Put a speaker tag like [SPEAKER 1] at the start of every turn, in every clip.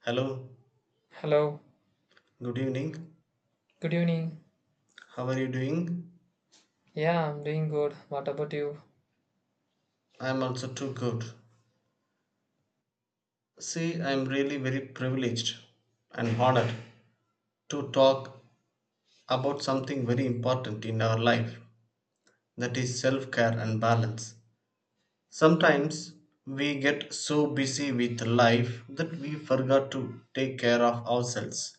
[SPEAKER 1] Hello,
[SPEAKER 2] Hello,
[SPEAKER 1] good evening.
[SPEAKER 2] good evening.
[SPEAKER 1] How are you doing?
[SPEAKER 2] Yeah, I'm doing good. What about you?
[SPEAKER 1] I'm also too good. See, I'm really very privileged and honored to talk about something very important in our life that is self care and balance. Sometimes we get so busy with life that we forgot to take care of ourselves.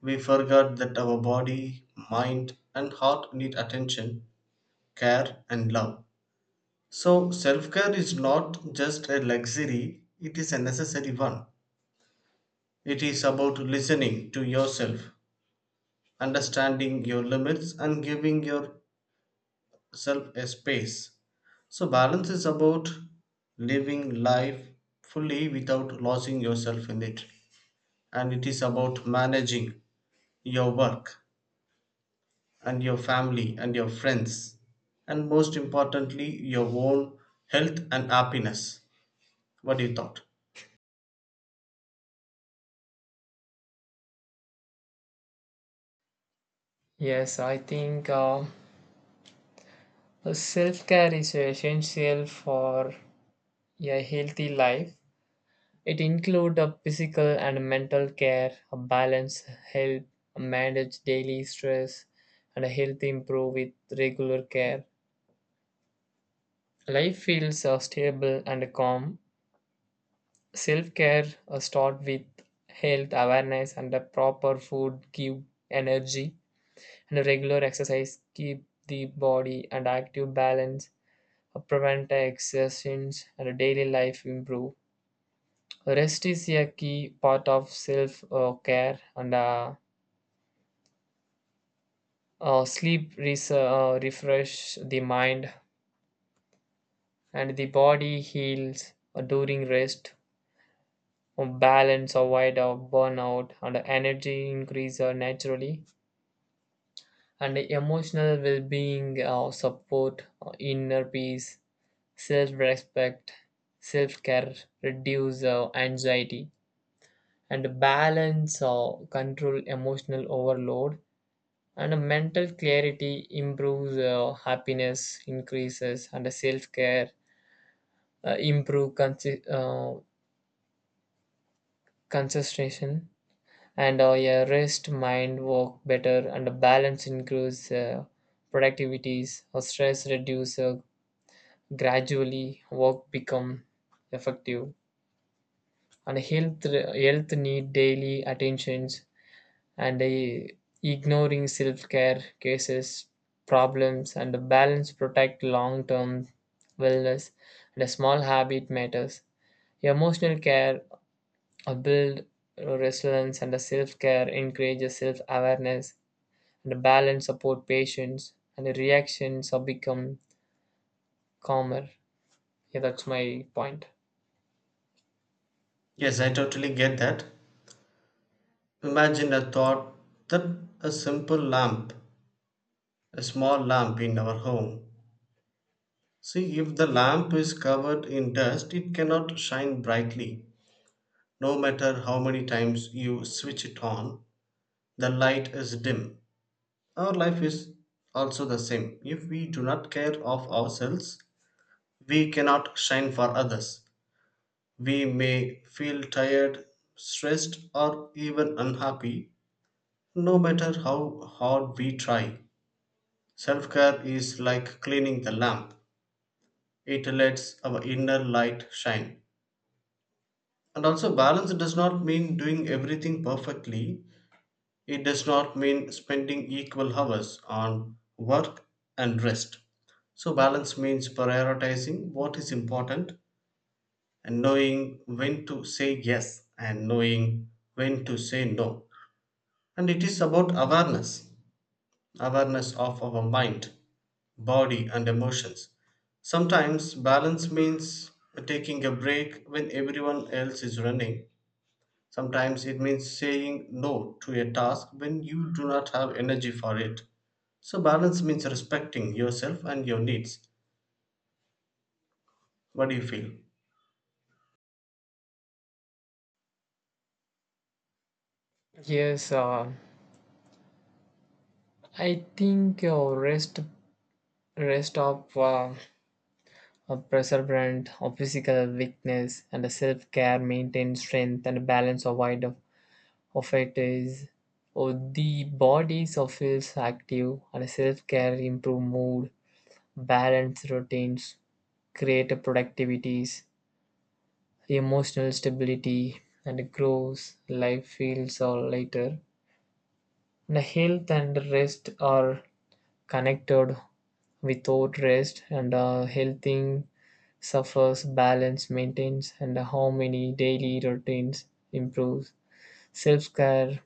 [SPEAKER 1] We forgot that our body, mind, and heart need attention, care, and love. So, self care is not just a luxury, it is a necessary one. It is about listening to yourself, understanding your limits, and giving yourself a space. So, balance is about living life fully without losing yourself in it. And it is about managing your work and your family and your friends, and most importantly, your own health and happiness. What do you thought?
[SPEAKER 2] Yes, I think self care is essential for a healthy life. It includes a physical and mental care, a balance, help manage daily stress, and a health improve with regular care. Life feels stable and calm. Self care start with health awareness and a proper food give energy and regular exercise keep the body and active balance prevent exertions and daily life improve rest is a key part of self care and sleep refresh the mind and the body heals during rest. Balance avoid burnout and energy increase naturally and emotional well-being support inner peace, self-respect, self-care, reduce anxiety, and balance control emotional overload. And mental clarity improves, happiness increases, and self-care improve concentration. And yeah, rest mind work better, and balance increase productivities. Or stress reduce gradually. Work become effective. And health health need daily attentions and ignoring self-care cases problems and a balance protect long-term wellness and a small habit matters, emotional care build resilience and the self-care encourages self-awareness and the balance support patients and the reactions are become calmer. Yeah, that's my point.
[SPEAKER 1] Yes, I totally get that. Imagine a thought that a simple lamp, a small lamp in our home. See, if the lamp is covered in dust, it cannot shine brightly. No matter how many times you switch it on, the light is dim. Our life is also the same. If we do not care of ourselves, we cannot shine for others. We may feel tired, stressed, or even unhappy, no matter how hard we try. Self care is like cleaning the lamp, it lets our inner light shine. And also, balance does not mean doing everything perfectly, it does not mean spending equal hours on work and rest. So, balance means prioritizing what is important and knowing when to say yes and knowing when to say no. And it is about awareness, awareness of our mind, body and emotions. Sometimes balance means taking a break when everyone else is running. Sometimes it means saying no to a task when you do not have energy for it. So, balance means respecting yourself and your needs. What do you feel?
[SPEAKER 2] Yes, I think rest, rest of uh, a perseverance of physical weakness and a self-care maintain strength and a balance avoid of it is or the body so feels active and self-care improve mood, balance routines create productivities, emotional stability and grows life feels or lighter. And health and rest are connected. Without rest and a healthy suffers, balance maintains, and how many daily routines improves. Self care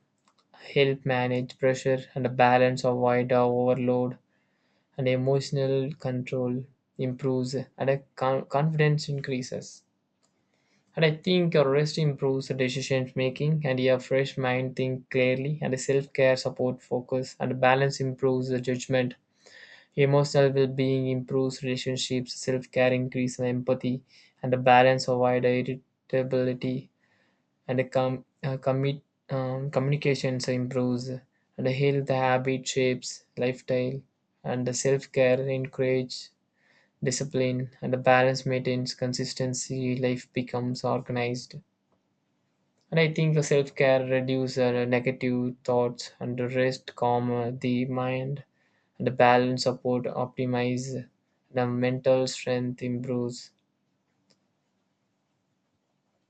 [SPEAKER 2] help manage pressure and a balance avoid overload, and emotional control improves, and confidence increases. And I think your rest improves the decision making, and your fresh mind think clearly, and self care support focus, and balance improves the judgment. Emotional well being improves relationships, self care increases empathy and the balance of irritability, and the communications improves, and the health habit shapes lifestyle, and the self care encourages discipline, and the balance maintains consistency, life becomes organized. And I think self care reduces negative thoughts and rest, calm the mind, and the balance, support, optimize the mental strength improves.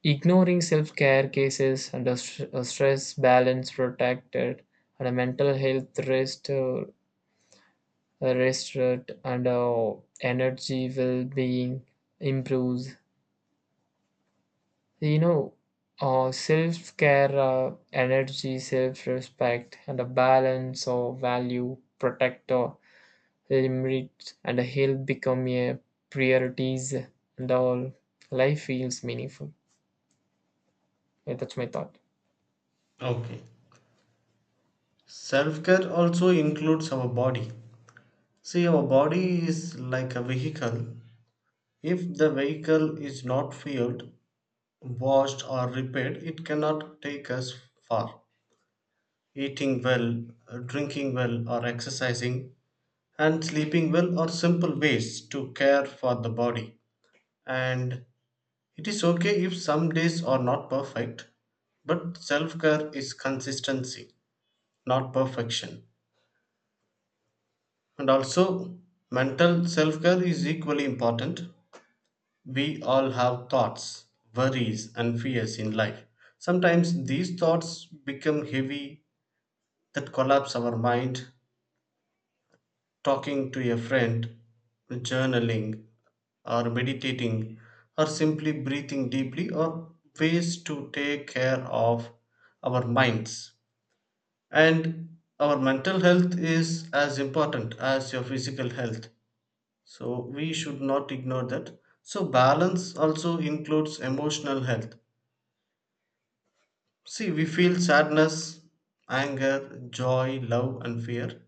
[SPEAKER 2] Ignoring self care cases and the stress balance protected, and the mental health rest, rest and energy well being improves. You know, self care, energy, self respect, and a balance of value, protect or limit, and a health become a priorities, and all life feels meaningful. Yeah, that's my thought.
[SPEAKER 1] Okay. Self care also includes our body. See, our body is like a vehicle. If the vehicle is not fueled, washed, or repaired, it cannot take us far. Eating well, drinking well, or exercising, and sleeping well are simple ways to care for the body. And it is okay if some days are not perfect, but self care is consistency, not perfection. And also, mental self care is equally important. We all have thoughts, worries, and fears in life. Sometimes these thoughts become heavy that collapse our mind, talking to a friend, journaling, or meditating, or simply breathing deeply, are ways to take care of our minds. And our mental health is as important as your physical health. So we should not ignore that. So balance also includes emotional health. See, we feel sadness, anger, joy, love, and fear.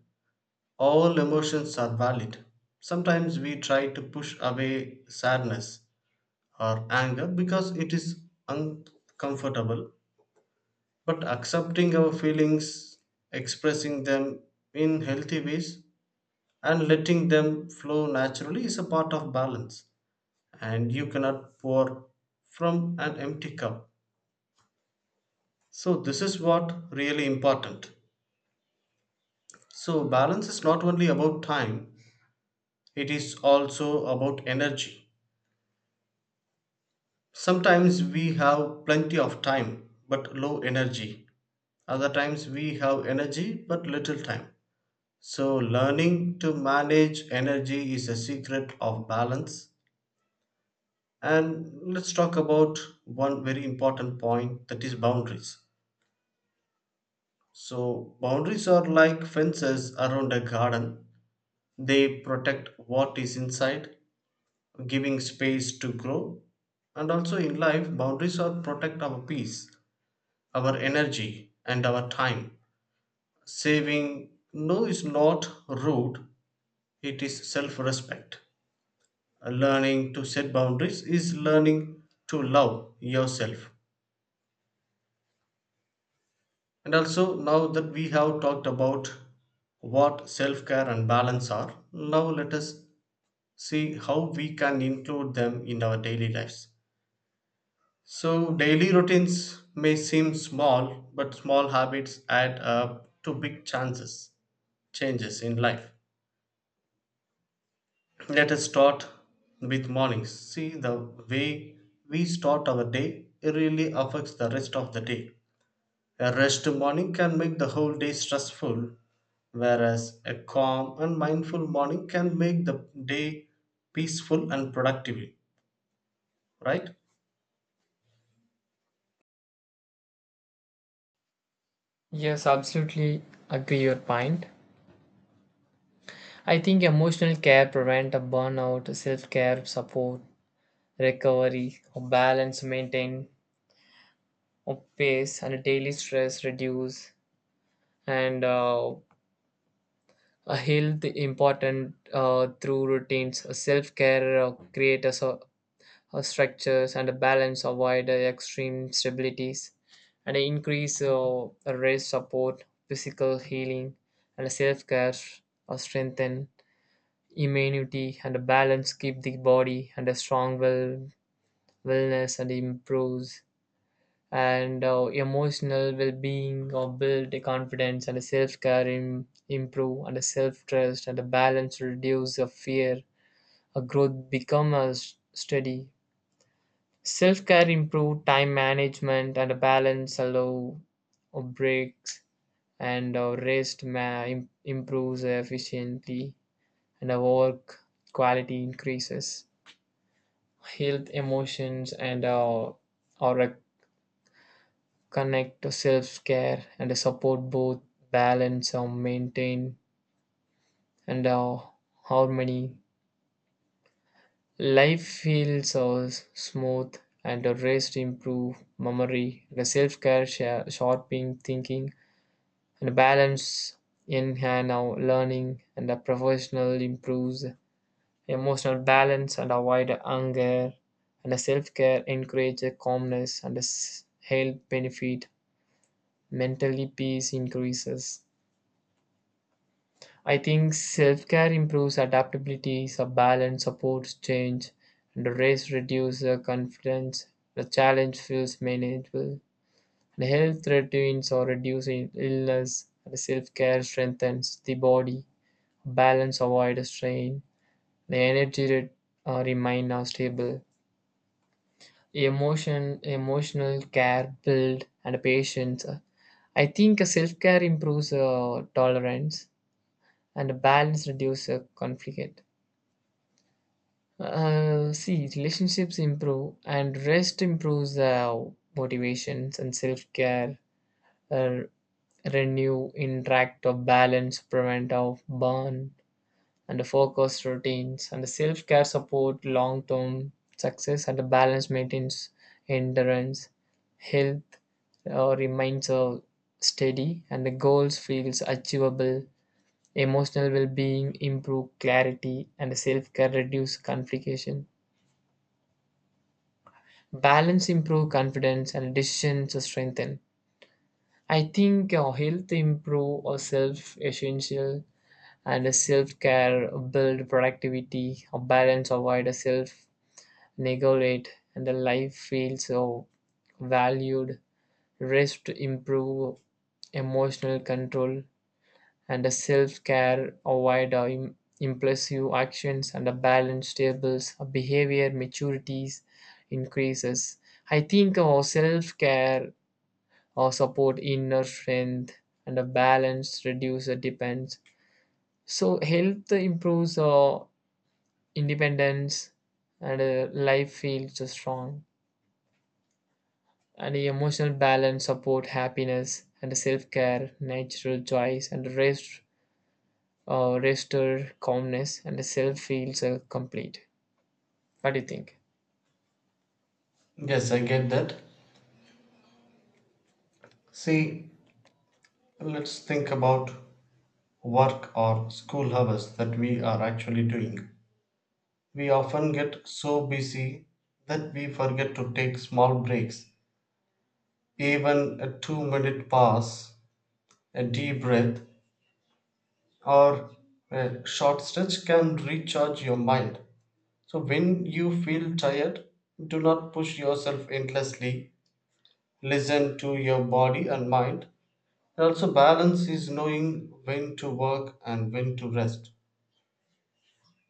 [SPEAKER 1] All emotions are valid. Sometimes we try to push away sadness or anger because it is uncomfortable. But accepting our feelings, expressing them in healthy ways, and letting them flow naturally is a part of balance. And you cannot pour from an empty cup. So, this is what really important. So, balance is not only about time, it is also about energy. Sometimes we have plenty of time but low energy. Other times we have energy but little time. So, learning to manage energy is a secret of balance. And let's talk about one very important point that is boundaries. So, boundaries are like fences around a garden, they protect what is inside, giving space to grow. And also in life, boundaries are protect our peace, our energy and our time. Saving no is not rude, it is self respect. Learning to set boundaries is learning to love yourself. And also, now that we have talked about what self care and balance are, now let us see how we can include them in our daily lives. So, daily routines may seem small, but small habits add up to big changes in life. Let us start with mornings. See, the way we start our day it really affects the rest of the day. A rushed morning can make the whole day stressful, whereas a calm and mindful morning can make the day peaceful and productive, right?
[SPEAKER 2] Yes, absolutely agree your point. I think emotional care prevent a burnout, self-care support, recovery, a balance maintain, a pace and daily stress reduce and a health important through routines, self care, create a structures and a balance, avoid extreme stabilities, and increase rest support, physical healing, and self care, strengthen immunity and a balance, keep the body and a strong wellness and improves and emotional well-being or build a confidence and a self-care improve and a self-trust and a balance reduce a fear, a growth become a steady self-care improve time management and a balance allow or breaks and rest improves efficiently and our work quality increases. Health emotions and our connect to self-care and support both balance or maintain and harmony, life feels smooth, and the rest improve memory, the self-care sharpening thinking and balance in hand our learning and the professional improves emotional balance and avoid anger and the self-care encourage calmness and the health benefit, mentally peace increases. I think self care improves adaptability, sub balance supports change, and the race reduces the confidence. The challenge feels manageable. And health routines or reducing illness. And self care strengthens the body. Balance avoids strain. The energy remain are stable. Emotional care build and patience. I think self care improves tolerance and balance reduces conflict. See, relationships improve, and rest improves motivations and self care. Uh, Renew, interact, or balance, prevent of burn, and the focus routines, and the self care support long term success, and the balance maintains endurance, health, remains steady, and the goals feels achievable. Emotional well being improve clarity, and the self care reduce complication, balance improve confidence and decisions to strengthen. I think health improve or self essential and self care build productivity. A balance avoid a self neglect and the life feels so valued. Rest improve emotional control and a self-care avoid impulsive actions and a balance tables a behavior maturities increases. I think our self-care or support inner strength and a balance reduce the depends, so health improves our independence and life feels strong and the emotional balance support happiness and self-care natural choice and rest restore calmness and the self feels complete. What do you think?
[SPEAKER 1] Yes, I get that. See, let's think about work or school hours that we are actually doing. We often get so busy that we forget to take small breaks. Even a 2-minute pause, a deep breath, or a short stretch can recharge your mind. So, when you feel tired, do not push yourself endlessly. Listen to your body and mind. And also, balance is knowing when to work and when to rest.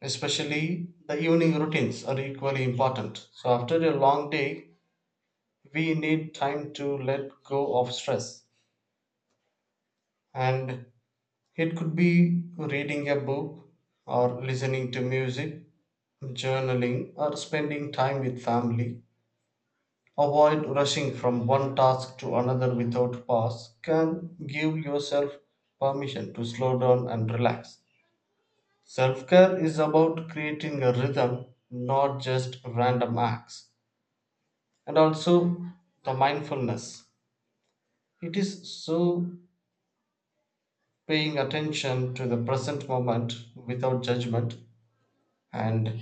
[SPEAKER 1] Especially the evening routines are equally important. So, after a long day, we need time to let go of stress and it could be reading a book, or listening to music, journaling, or spending time with family. Avoid rushing from one task to another without pause. Can give yourself permission to slow down and relax. Self care is about creating a rhythm, not just random acts. And also the mindfulness. It is so paying attention to the present moment without judgment, and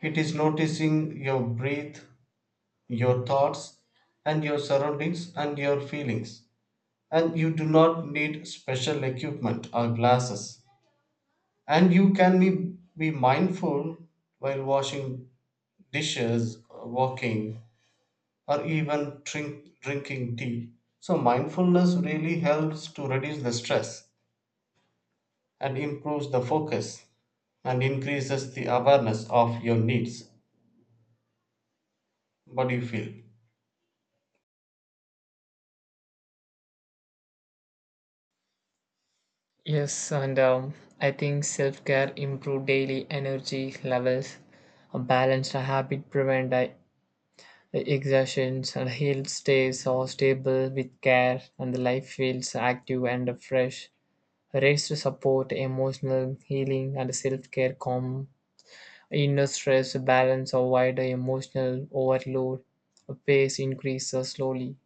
[SPEAKER 1] it is noticing your breath, your thoughts, and your surroundings and your feelings. And you do not need special equipment or glasses. And you can be mindful while washing dishes, walking, or even drinking tea. So, mindfulness really helps to reduce the stress and improves the focus and increases the awareness of your needs. What do you feel?
[SPEAKER 2] Yes, and I think self care improve daily energy levels, a balanced habit prevent exertions and health stays all stable with care and the life feels active and fresh. Rest to support emotional healing and self care calm inner stress balance avoid emotional overload. Pace increases slowly.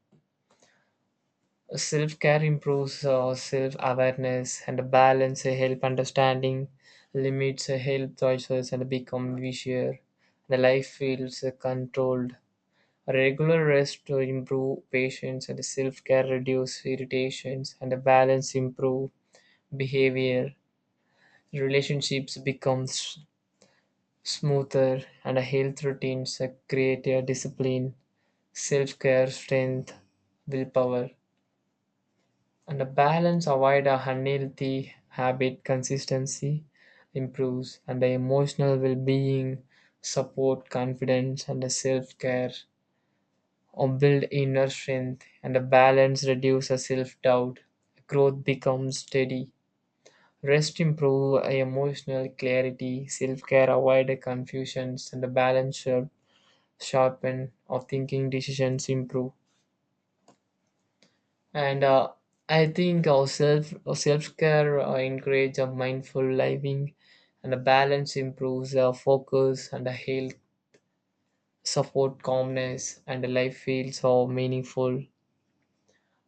[SPEAKER 2] Self care improves self awareness and a balance, help understanding limits, help choices, and become wiser. The life feels controlled. Regular rest to improve patience and self care reduce irritations and the balance improve behavior. Relationships become smoother and a health routines create a discipline, self care, strength, willpower. And the balance avoid a unhealthy habit, consistency improves and the emotional well-being support confidence and the self-care or build inner strength and the balance reduces self-doubt, growth becomes steady. Rest improve emotional clarity, self-care avoid confusions and the balance sharpen of thinking, decisions improve and I think our self our self-care encourage a mindful living and a balance improves our focus and a health support calmness and the life feels so meaningful.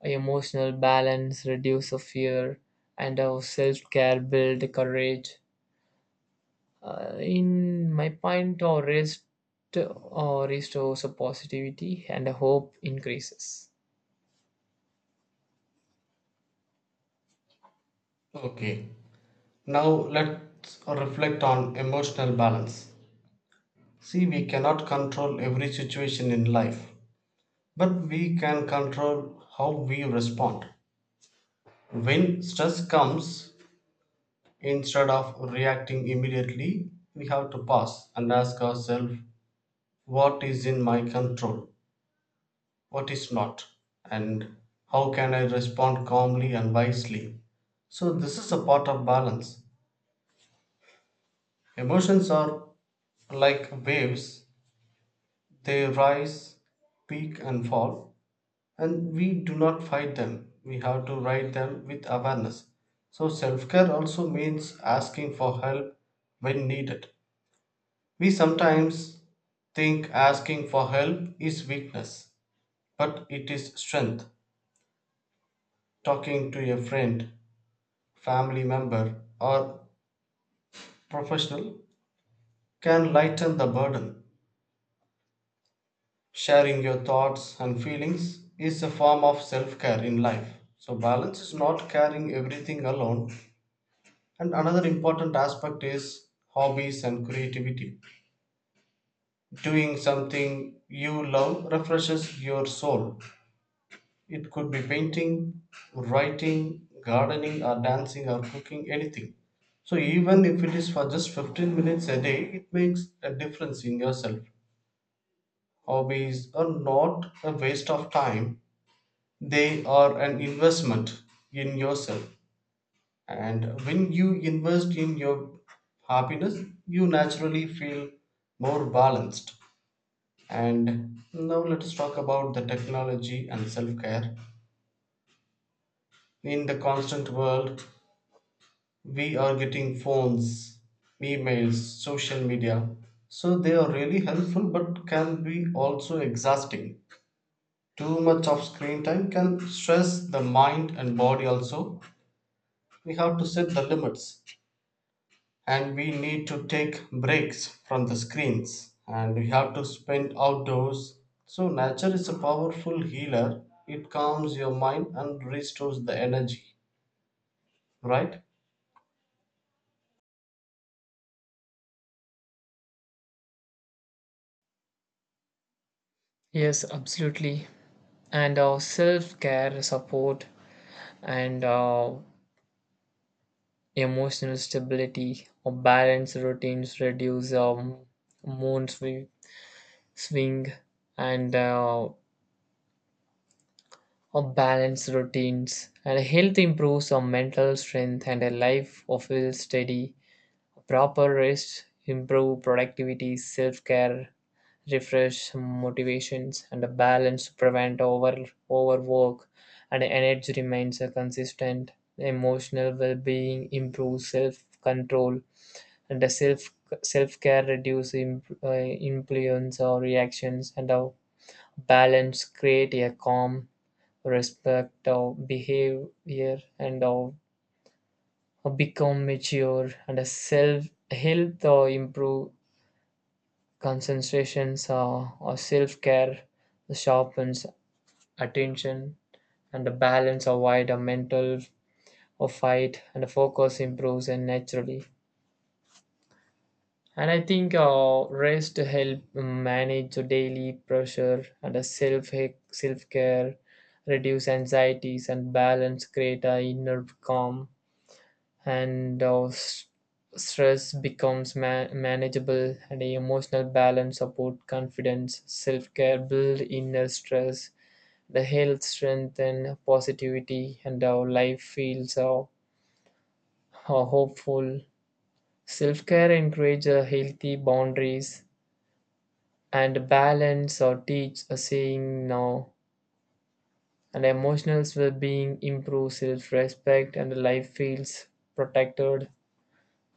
[SPEAKER 2] Our emotional balance reduce the fear and our self-care build courage. In my point or rest or restores a positivity and a hope increases.
[SPEAKER 1] Okay. Now let's reflect on emotional balance. See, we cannot control every situation in life, but we can control how we respond. When stress comes, instead of reacting immediately, we have to pause and ask ourselves what is in my control, what is not, and how can I respond calmly and wisely. So, this is a part of balance. Emotions are like waves. They rise, peak, and fall, and we do not fight them. We have to ride them with awareness. So, self care also means asking for help when needed. We sometimes think asking for help is weakness, but it is strength. Talking to a friend, family member, or professional can lighten the burden. Sharing your thoughts and feelings is a form of self care in life. So, balance is not carrying everything alone. And another important aspect is hobbies and creativity. Doing something you love refreshes your soul. It could be painting, writing, gardening, or dancing, or cooking, anything. So even if it is for just 15 minutes a day, it makes a difference in yourself. Hobbies are not a waste of time. They are an investment in yourself. And when you invest in your happiness, you naturally feel more balanced. And now let us talk about the technology and self care. In the constant world, we are getting phones, emails, social media. So they are really helpful but can be also exhausting. Too much of screen time can stress the mind and body also. We have to set the limits and we need to take breaks from the screens and we have to spend outdoors. So nature is a powerful healer, it calms your mind and restores the energy, right?
[SPEAKER 2] Yes, absolutely. And our self-care support and emotional stability or balance routines reduce mood swing and or balance routines and health improves our mental strength and a life of feels steady. Proper rest improve productivity, self-care refresh motivations and a balance prevent overwork and energy remains consistent. Emotional well-being improves self-control and the self care reduce influence or reactions and a balance create a calm, respect of behavior and of become mature and a self health or improve concentrations or self care sharpens attention and the balance avoid a mental or fight and the focus improves and naturally. And I think rest help manage the daily pressure and a self care, reduce anxieties and balance, create a inner calm, and stress becomes manageable. And a emotional balance support confidence, self care build inner stress, the health strength and positivity, and our life feels hopeful. Self care encourages healthy boundaries and balance or teach a saying now. And emotional well-being improves self-respect and life feels protected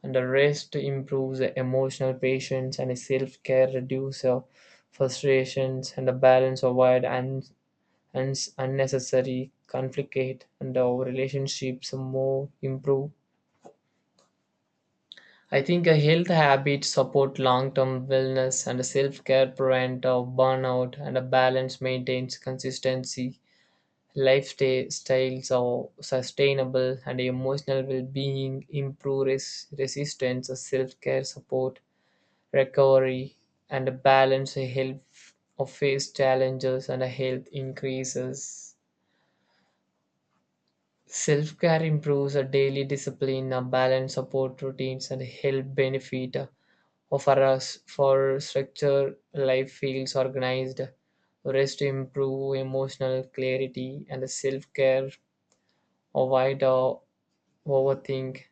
[SPEAKER 2] and the rest improves the emotional patience and self-care reduces the frustrations and the balance avoid and unnecessary conflict and our relationships more improve. I think a health habits support long-term wellness and self-care prevent of burnout and a balance maintains consistency. Lifestyles are sustainable and emotional well being improve resistance, self care support, recovery, and a balance health of face challenges and a health increases. Self care improves a daily discipline, a balance support routines, and health benefit offer us for structure. Life feels organized. Rest improve emotional clarity and self care avoid overthink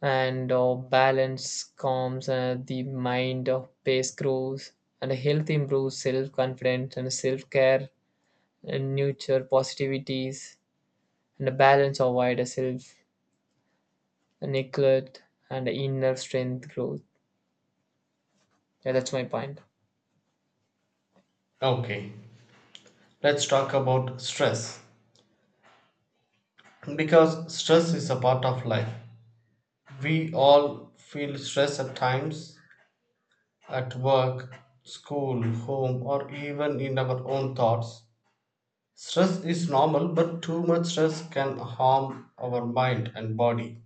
[SPEAKER 2] and balance calms the mind of pace grows and a health improves self-confidence and self-care and nurture positivities and a balance avoid a self neglect and inner strength growth. Yeah, that's my point.
[SPEAKER 1] Okay, let's talk about stress, because stress is a part of life. We all feel stress at times, at work, school, home, or even in our own thoughts. Stress is normal, but too much stress can harm our mind and body.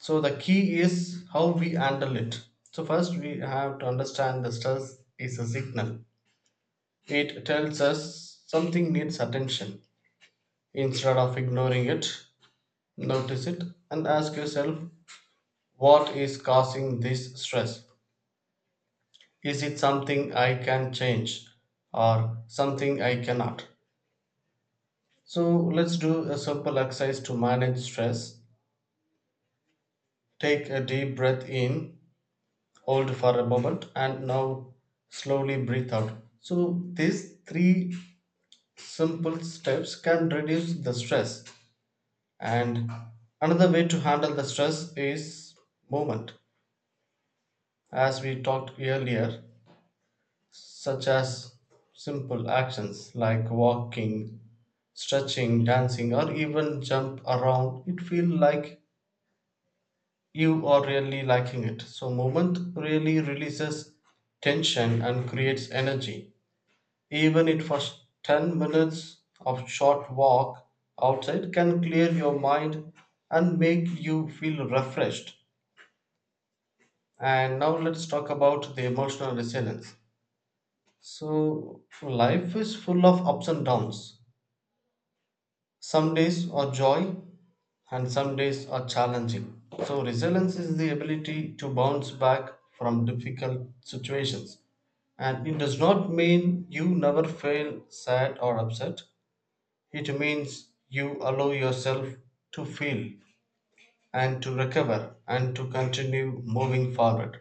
[SPEAKER 1] So the key is how we handle it. So first we have to understand the stress is a signal. It tells us something needs attention. Instead of ignoring it, notice it and ask yourself what is causing this stress? Is it something I can change or something I cannot? So let's do a simple exercise to manage stress. Take a deep breath in, hold for a moment and now slowly breathe out. So these three simple steps can reduce the stress. And another way to handle the stress is movement, as we talked earlier, such as simple actions like walking, stretching, dancing or even jump around, it feel like you are really liking it. So movement really releases tension and creates energy. Even it first 10 minutes of short walk outside can clear your mind and make you feel refreshed. And now let's talk about the emotional resilience. So life is full of ups and downs. Some days are joy and some days are challenging. So resilience is the ability to bounce back from difficult situations. And it does not mean you never feel sad or upset. It means you allow yourself to feel and to recover and to continue moving forward.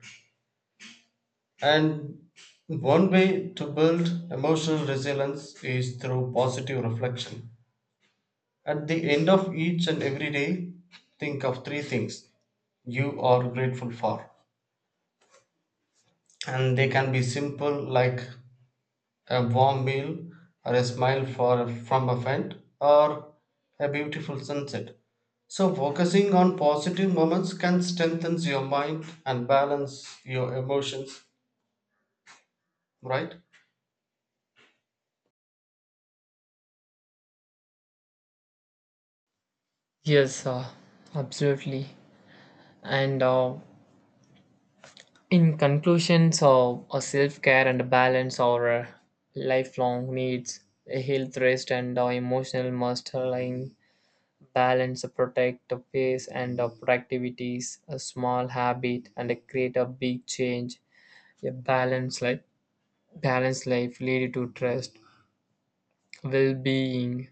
[SPEAKER 1] And one way to build emotional resilience is through positive reflection. At the end of each and every day, think of three things you are grateful for. And they can be simple, like a warm meal, or a smile from a friend, or a beautiful sunset. So, focusing on positive moments can strengthen your mind and balance your emotions, right?
[SPEAKER 2] Yes, absolutely. And in conclusion, so a self-care and a balance are lifelong needs, a health rest and emotional mastering. Balance protect the face and the productivities, a small habit and create a big change. A balanced life, balanced life lead to trust, well-being,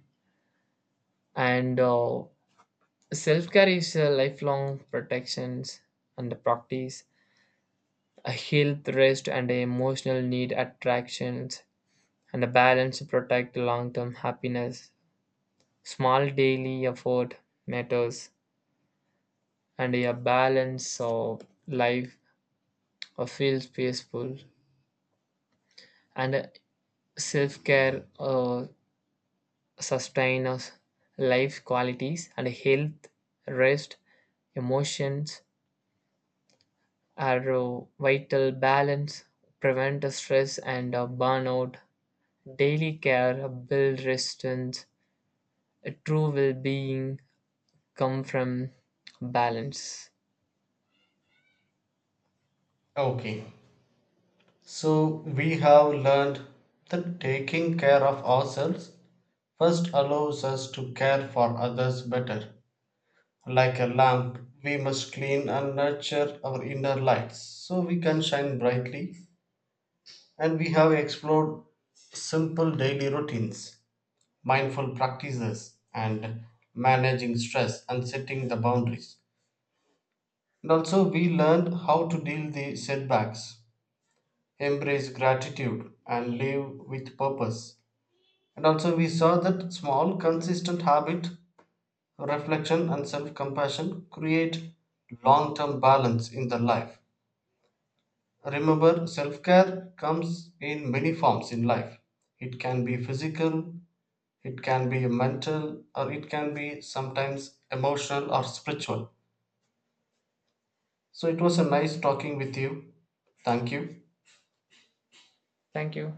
[SPEAKER 2] and self-care is a lifelong protections and the practice. A health, rest, and emotional need attractions, and a balance protect long-term happiness. Small daily effort matters, and a balance of life feels peaceful and self-care sustain us, life qualities and health, rest, emotions are vital, balance prevent stress and burnout, daily care build resistance, a true well-being come from balance.
[SPEAKER 1] Okay, so we have learned that taking care of ourselves first allows us to care for others better. Like a lamp, we must clean and nurture our inner lights so we can shine brightly. And we have explored simple daily routines, mindful practices, and managing stress and setting the boundaries. And also, we learned how to deal the setbacks, embrace gratitude, and live with purpose. And also, we saw that small, consistent habit, reflection, and self compassion create long term balance in the life. Remember, self care comes in many forms in life. It can be physical, it can be mental or it can be sometimes emotional or spiritual. So it was a nice talking with you. Thank you.
[SPEAKER 2] Thank you.